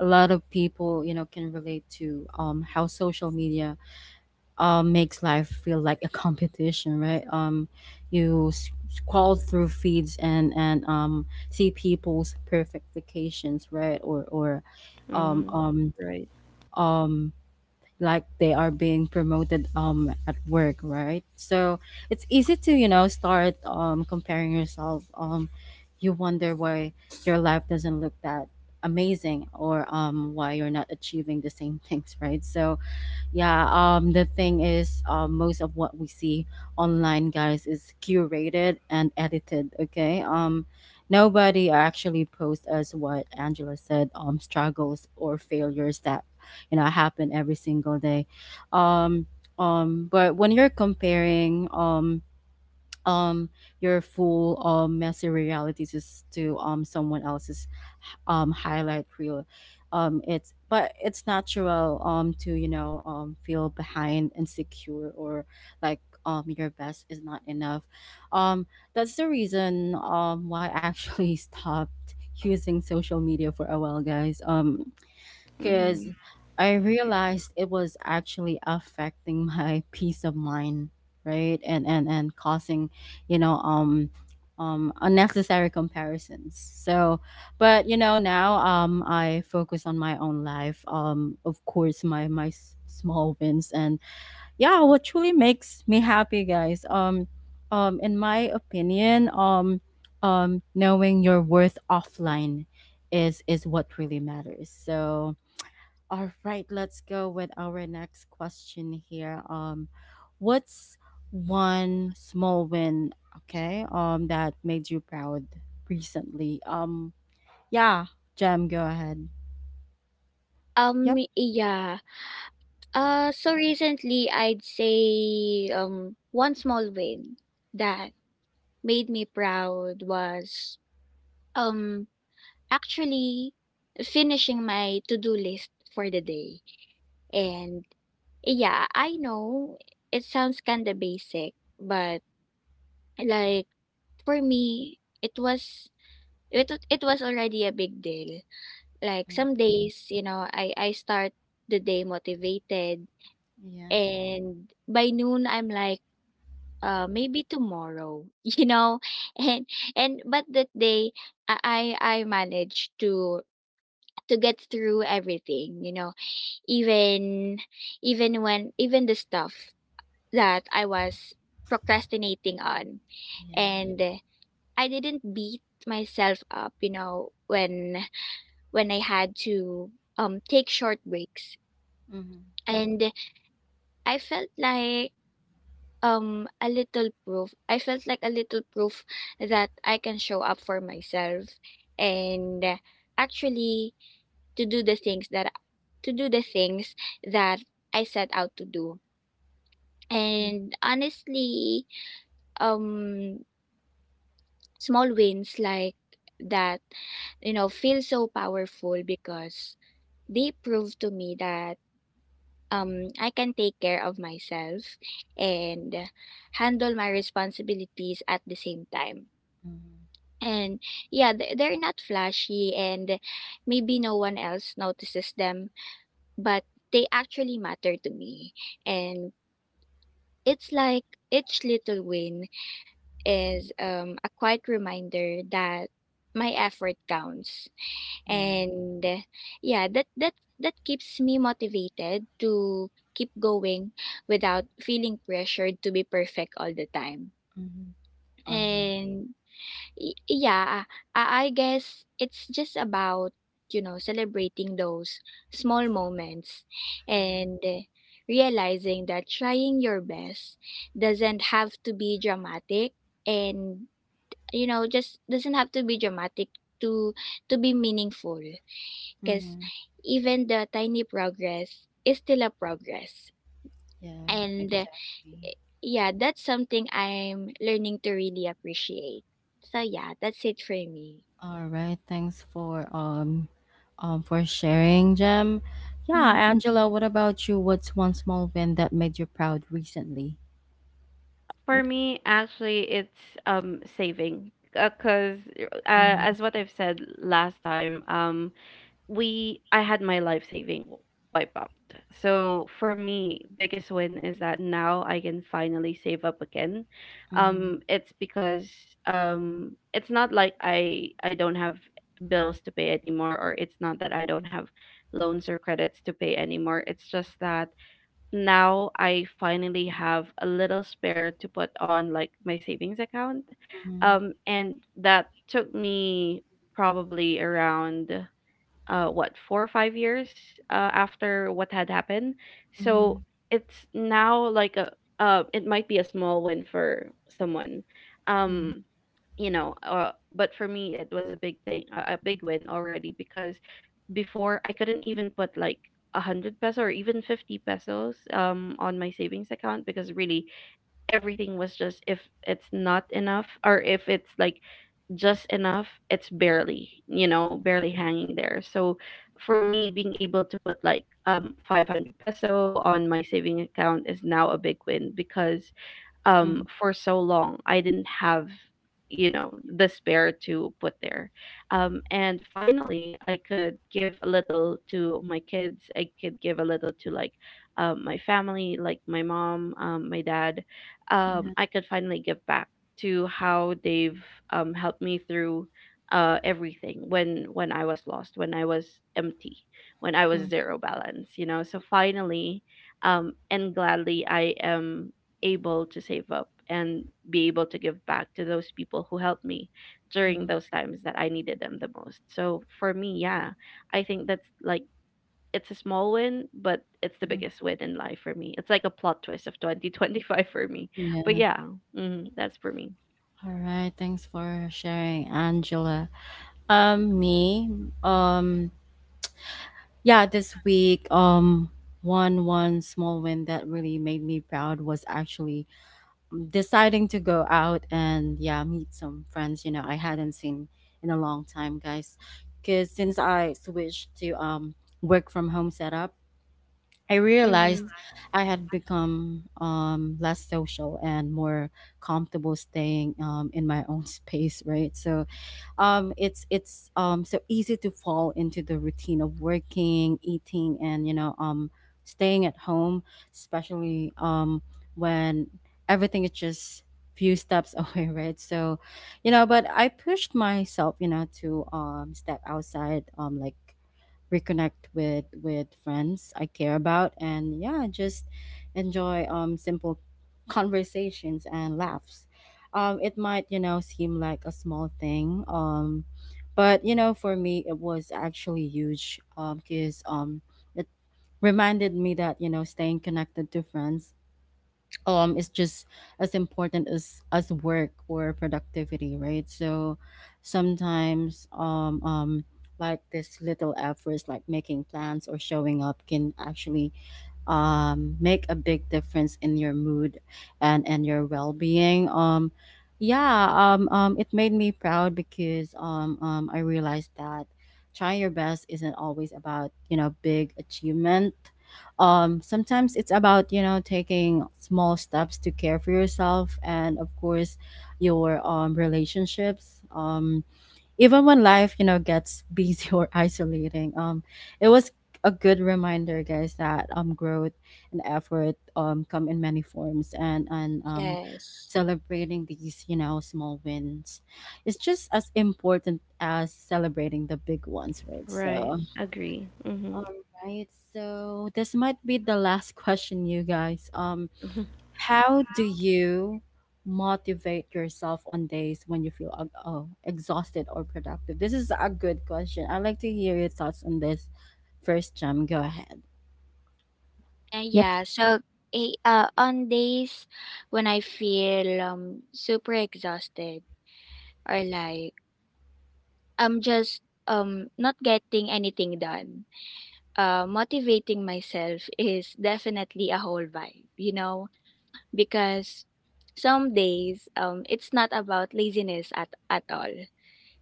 Speaker 1: a lot of people, you know, can relate to how social media makes life feel like a competition, right? You s- scroll through feeds and see people's perfect vacations, right? Or um,
Speaker 3: Hmm.
Speaker 1: um,
Speaker 3: Right.
Speaker 1: um, like they are being promoted at work, right? So it's easy to, you know, start comparing yourself. You wonder why your life doesn't look that amazing or why you're not achieving the same things, right? So yeah, the thing is most of what we see online, guys, is curated and edited, okay? Nobody actually posts, as what Angela said, struggles or failures that, you know, happen every single day. um but when you're comparing um your full messy realities is to someone else's highlight reel, it's natural to, you know, feel behind, insecure, or like your best is not enough. um that's the reason why I actually stopped using social media for a while, guys. Because
Speaker 3: Hmm.
Speaker 1: I realized it was actually affecting my peace of mind, right? And causing, you know, unnecessary comparisons. So, but you know, now I focus on my own life. Um, of course, my s- small wins, and yeah, what truly makes me happy, guys. In my opinion, knowing your worth offline is what really matters. So, all right, let's go with our next question here. What's one small win, okay, that made you proud recently? Yeah, Jam, go ahead. Yep.
Speaker 2: Yeah. So recently, I'd say one small win that made me proud was um actually finishing my to-do list for the day. And yeah, I know it sounds kind of basic, but like, for me, it was it was already a big deal. Like
Speaker 1: Mm,
Speaker 2: some days, you know, I start the day motivated,
Speaker 1: yeah.
Speaker 2: and by noon I'm like, uh, maybe tomorrow. You know, and and but that day I managed to get through everything, you know, even even the stuff that I was procrastinating on.
Speaker 1: Yeah.
Speaker 2: And I didn't beat myself up, you know, when I had to take short breaks.
Speaker 1: Mm-hmm.
Speaker 2: And I felt like a little proof that I can show up for myself and actually to do the things that to do the things that I set out to do. And honestly, um small wins like that, you know, feel so powerful because they prove to me that I can take care of myself and handle my responsibilities at the same time.
Speaker 1: Mm-hmm.
Speaker 2: And yeah, they're not flashy, and maybe no one else notices them, but they actually matter to me. And it's like each little win is, a quiet reminder that my effort counts.
Speaker 1: Yeah.
Speaker 2: And yeah, that keeps me motivated to keep going without feeling pressured to be perfect all the time.
Speaker 1: Mm-hmm. All right.
Speaker 2: And yeah, I guess it's just about, you know, celebrating those small moments
Speaker 1: Yeah.
Speaker 2: and realizing that trying your best doesn't have to be dramatic, and you know, just doesn't have to be dramatic to to be meaningful, because
Speaker 1: Mm-hmm.
Speaker 2: even the tiny progress is still a progress.
Speaker 1: Yeah.
Speaker 2: And
Speaker 1: Exactly.
Speaker 2: yeah, that's something I'm learning to really appreciate. So yeah, that's it for me.
Speaker 1: All right, thanks for sharing, Jem. Yeah,
Speaker 2: Mhm.
Speaker 1: Angela, what about you? What's one small win that made you proud recently?
Speaker 3: For
Speaker 1: Yep.
Speaker 3: me, actually, it's saving, because
Speaker 1: Mm-hmm,
Speaker 3: as what I've said last time, we I had my life saving wipe out. So for me, biggest win is that now I can finally save up again.
Speaker 1: mm-hmm,
Speaker 3: It's because it's not like I don't have bills to pay anymore, or it's not that I don't have loans or credits to pay anymore. It's just that now I finally have a little spare to put on, like, my savings account.
Speaker 1: mm-hmm,
Speaker 3: And that took me probably around what 4 or 5 years after what had happened.
Speaker 1: mm-hmm.
Speaker 3: So it's now, like, a, it might be a small win for someone.
Speaker 1: Yeah.
Speaker 3: Um you know, but for me it was a big thing, a big win already, because before I couldn't even put like 100 peso or even 50 pesos on my savings account, because really, everything was just, if it's not enough, or if it's like just enough, it's barely, you know, barely hanging there. So for me, being able to put like 500 peso on my saving account is now a big win, because
Speaker 1: Mm,
Speaker 3: for so long I didn't have, you know, the spare to put there. And finally I could give a little to my kids, I could give a little to, like, my family, like my mom, my dad,
Speaker 1: yeah.
Speaker 3: I could finally give back to how they've, helped me through, everything, when I was lost, when I was empty, when I
Speaker 1: Mm,
Speaker 3: was zero balance, you know. So finally, and gladly, I am able to save up and be able to give back to those people who helped me during
Speaker 1: mm,
Speaker 3: those times that I needed them the most. So for me, yeah, I think that's like, it's a small win, but it's the
Speaker 1: mhm.
Speaker 3: biggest win in life for me. It's like a plot twist of 2025 for me. But
Speaker 1: Yeah.
Speaker 3: yeah, mm, that's for me.
Speaker 1: All right, thanks for sharing, Angela. Me, um, yeah, this week, one small win that really made me proud was actually deciding to go out and yeah meet some friends, you know, I hadn't seen in a long time, guys, because since I switched to work from home setup, I
Speaker 3: Mm-hmm.
Speaker 1: realized I had become less social and more comfortable staying in my own space, right? So it's so easy to fall into the routine of working, eating, and you know staying at home, especially when everything is just few steps away, right? So, you know, but I pushed myself, you know, to step outside, like reconnect with friends I care about, and yeah, just enjoy simple conversations and laughs. It might, you know, seem like a small thing, but you know for me it was actually huge. Because it reminded me that, you know, staying connected to friends is just as important as work or productivity, right? So sometimes like this little efforts like making plans or showing up can actually make a big difference in your mood and your well-being. Yeah it made me proud because I realized that trying your best isn't always about, you know, big achievement. Sometimes it's about, you know, taking small steps to care for yourself and of course your relationships. Even when life, you know, gets busy or isolating, it was a good reminder, guys, that growth and effort come in many forms, and
Speaker 2: Yes.
Speaker 1: celebrating these, you know, small wins is just as important as celebrating the big ones, right?
Speaker 3: Right.
Speaker 1: So
Speaker 3: Agree. Mm-hmm.
Speaker 1: all right, so this might be the last question, you guys. How do you motivate yourself on days when you feel oh, exhausted or productive? This is a good question. I'd like to hear your thoughts on this first, Jam. Go ahead.
Speaker 2: And
Speaker 1: Yep.
Speaker 2: yeah, so on days when I feel super exhausted or like I'm just not getting anything done, motivating myself is definitely a whole vibe, you know, because some days it's not about laziness at all.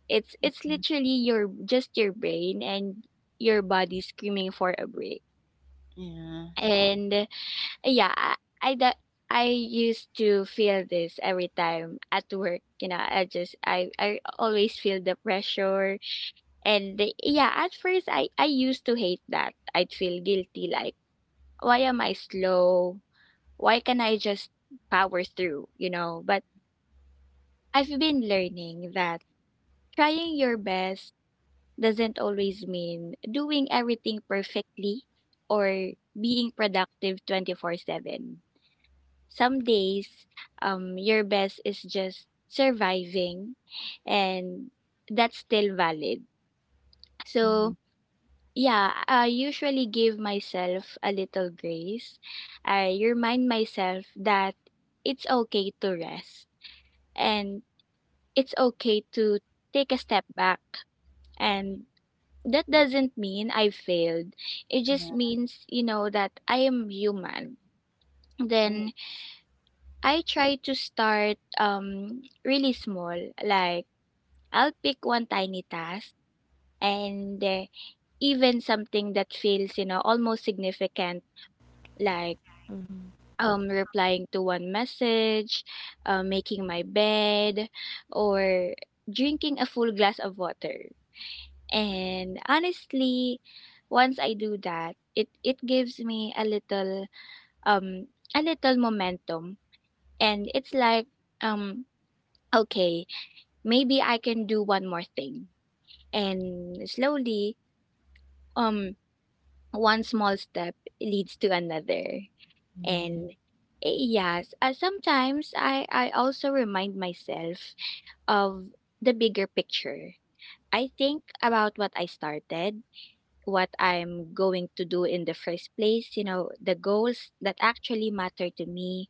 Speaker 2: It's literally your brain and your body screaming for a break.
Speaker 1: Mm,
Speaker 2: And yeah, I that I used to feel this every time at work. You know, I just I always feel the pressure, and yeah, at first I used to hate that. I'd feel guilty, like, why am I slow? Why can not I just power through? You know, but I've been learning that trying your best doesn't always mean doing everything perfectly or being productive 24/7. Some days, your best is just surviving, and that's still valid.
Speaker 1: yeah. Hmm.
Speaker 2: So yeah, I usually give myself a little grace. I remind myself that it's okay to rest, and it's okay to take a step back, and that doesn't mean I failed. It just
Speaker 1: Yeah,
Speaker 2: means, you know, that I am human.
Speaker 1: of
Speaker 2: Then
Speaker 1: course.
Speaker 2: I try to start really small. Like, I'll pick one tiny task, and even something that feels, you know, almost significant, like replying to one message, making my bed, or drinking a full glass of water. And honestly, once I do that, it gives me um a little momentum, and it's like, um okay, maybe I can do one more thing. And slowly, um, one small step leads to another.
Speaker 1: Yeah.
Speaker 2: And yes, sometimes I also remind myself of the bigger picture. I think about what I started, what I'm going to do in the first place, you know, the goals that actually matter to me,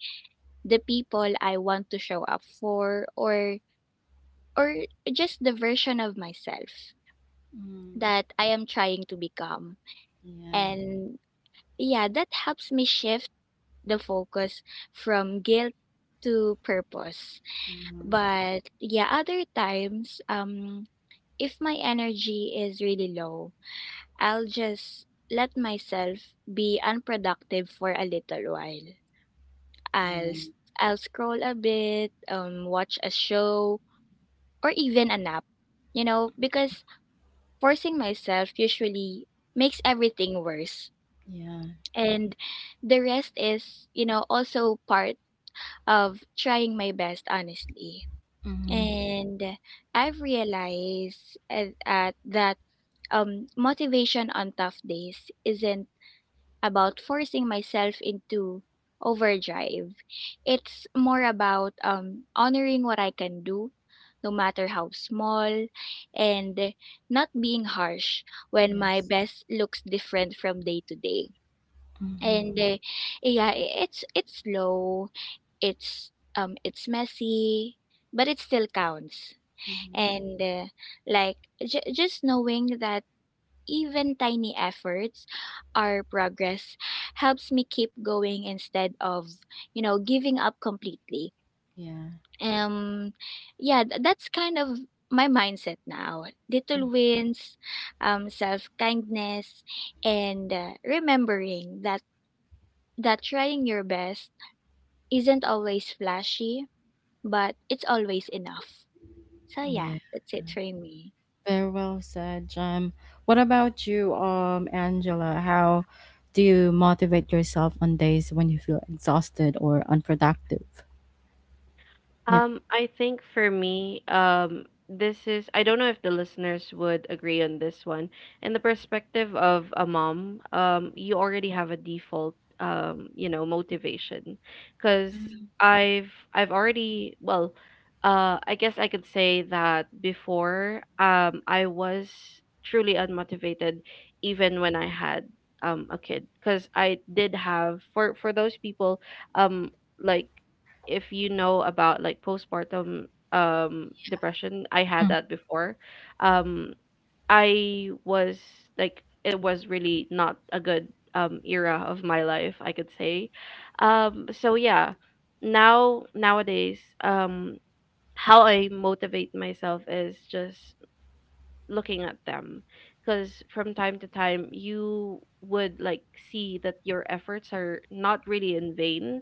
Speaker 2: the people I want to show up for, or or just the version of myself
Speaker 1: Mm.
Speaker 2: that I am trying to become.
Speaker 1: Yeah.
Speaker 2: And yeah, that helps me shift the focus from guilt to purpose.
Speaker 1: Hmm.
Speaker 2: But yeah, other times, if my energy is really low, I'll just let myself be unproductive for a little while. I'll
Speaker 1: Yeah.
Speaker 2: s- I'll scroll a bit, watch a show, or even a nap. You know, because forcing myself usually makes everything worse,
Speaker 1: Yeah.
Speaker 2: and the rest is, you know, also part of trying my best, honestly.
Speaker 1: Hmm.
Speaker 2: And I've realized at that motivation on tough days isn't about forcing myself into overdrive. It's more about, honoring what I can do, no matter how small, and not being harsh when my
Speaker 1: Yes.
Speaker 2: best looks different from day to day.
Speaker 1: Hmm.
Speaker 2: And yeah, it's slow, it's messy, but it still counts.
Speaker 1: Hmm.
Speaker 2: And like, just knowing that even tiny efforts are progress helps me keep going instead of, you know, giving up completely.
Speaker 1: Yeah.
Speaker 2: um yeah, that's kind of my mindset now:
Speaker 1: Mm.
Speaker 2: little wins, self kindness, and remembering that trying your best isn't always flashy, but it's always enough. So yeah,
Speaker 1: Yeah.
Speaker 2: that's it for me.
Speaker 1: Very well said, Jem. What about you, Angela? How do you motivate yourself on days when you feel exhausted or unproductive? Yeah.
Speaker 3: I think for me, this is, I don't know if the listeners would agree on this one. In the perspective of a mom, you already have a default, you know, motivation, because
Speaker 2: Mm,
Speaker 3: I've already, well, I guess I could say that before, I was truly unmotivated, even when I had a kid, because I did have, for those people, um like, if you know about, like, postpartum depression, I had
Speaker 1: Mm.
Speaker 3: that before. Um, I was, like, it was really not a good era of my life, I could say. So yeah, now nowadays, how I motivate myself is just looking at them, because from time to time you would, like, see that your efforts are not really in vain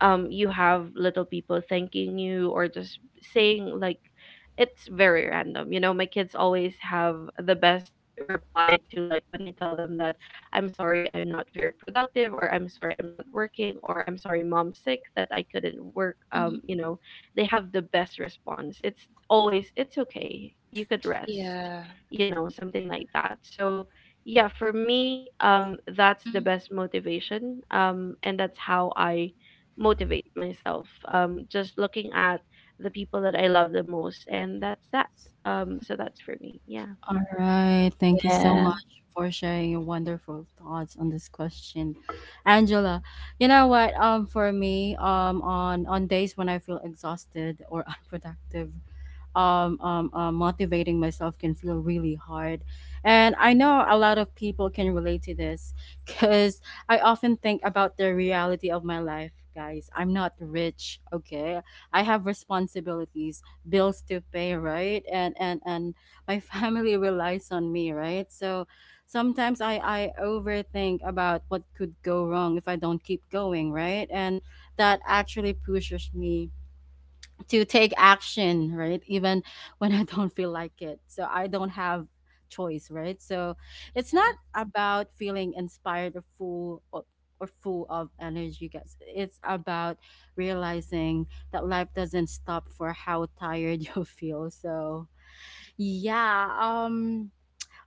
Speaker 3: um You have little people thanking you, or just saying, like, it's very random, you know, my kids always have the best reply to, like, when I tell them that I'm sorry I'm not very productive, or I'm sorry I'm not working, or I'm sorry mom's sick that I couldn't work,
Speaker 2: mhm.
Speaker 3: you know, they have the best response, it's always, it's okay, you could rest,
Speaker 2: Yeah.
Speaker 3: you know, something like that. So yeah, for me, that's the
Speaker 2: Mm,
Speaker 3: best motivation, and that's how I motivate myself, just looking at the people that I love the most. And that's that. So that's for me, yeah.
Speaker 1: All right. Thank you so
Speaker 2: yeah.
Speaker 1: much for sharing your wonderful thoughts on this question, Angela. You know what? For me, on days when I feel exhausted or unproductive, motivating myself can feel really hard. And I know a lot of people can relate to this because I often think about the reality of my life, guys. I'm not rich, okay? I have responsibilities, bills to pay, right? And my family relies on me, right? So sometimes I overthink about what could go wrong if I don't keep going, right? And that actually pushes me to take action, right? Even when I don't feel like it. So I don't have choice, right? So it's not
Speaker 2: Yeah.
Speaker 1: about feeling inspired or full or, full of energy, guys. It's about realizing that life doesn't stop for how tired you feel. So yeah,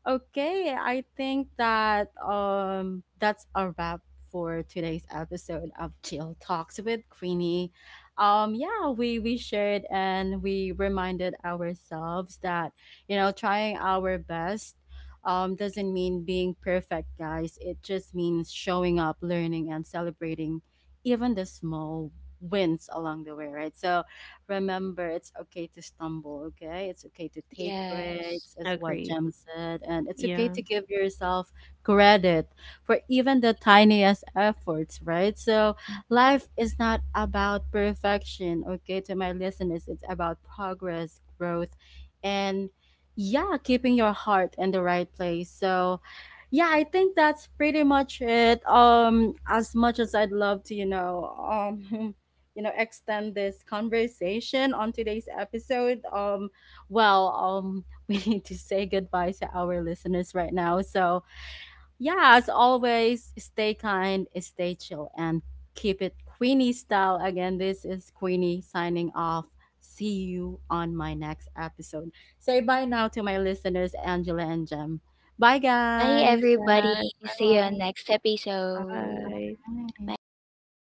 Speaker 1: okay, I think that that's a wrap for today's episode of Chill Talks with Queenie. Yeah, we shared and we reminded ourselves that, you know, trying our best doesn't mean being perfect, guys. It just means showing up, learning, and celebrating even the small wins along the way, right? So remember, it's okay to stumble, okay? It's okay to take
Speaker 2: Yes.
Speaker 1: breaks, as what
Speaker 3: Agree.
Speaker 1: Jem said, and it's okay
Speaker 3: Yeah.
Speaker 1: to give yourself credit for even the tiniest efforts, right? So, life is not about perfection, okay? To my listeners, it's about progress, growth, and yeah, keeping your heart in the right place. So, yeah, I think that's pretty much it. As much as I'd love to, you know, you know extend this conversation on today's episode, um, well, um, we need to say goodbye to our listeners right now. So yeah, as always, stay kind, stay chill, and keep it Queenie style. Again, this is Queenie signing off. See you on my next episode. Say bye now to my listeners, Angela and Jem. Bye,
Speaker 2: Bye
Speaker 1: guys.
Speaker 2: everybody.
Speaker 3: Yes, I
Speaker 2: See you on
Speaker 3: love.
Speaker 2: next episode.
Speaker 3: Bye.
Speaker 1: Bye.
Speaker 2: Bye bye bye.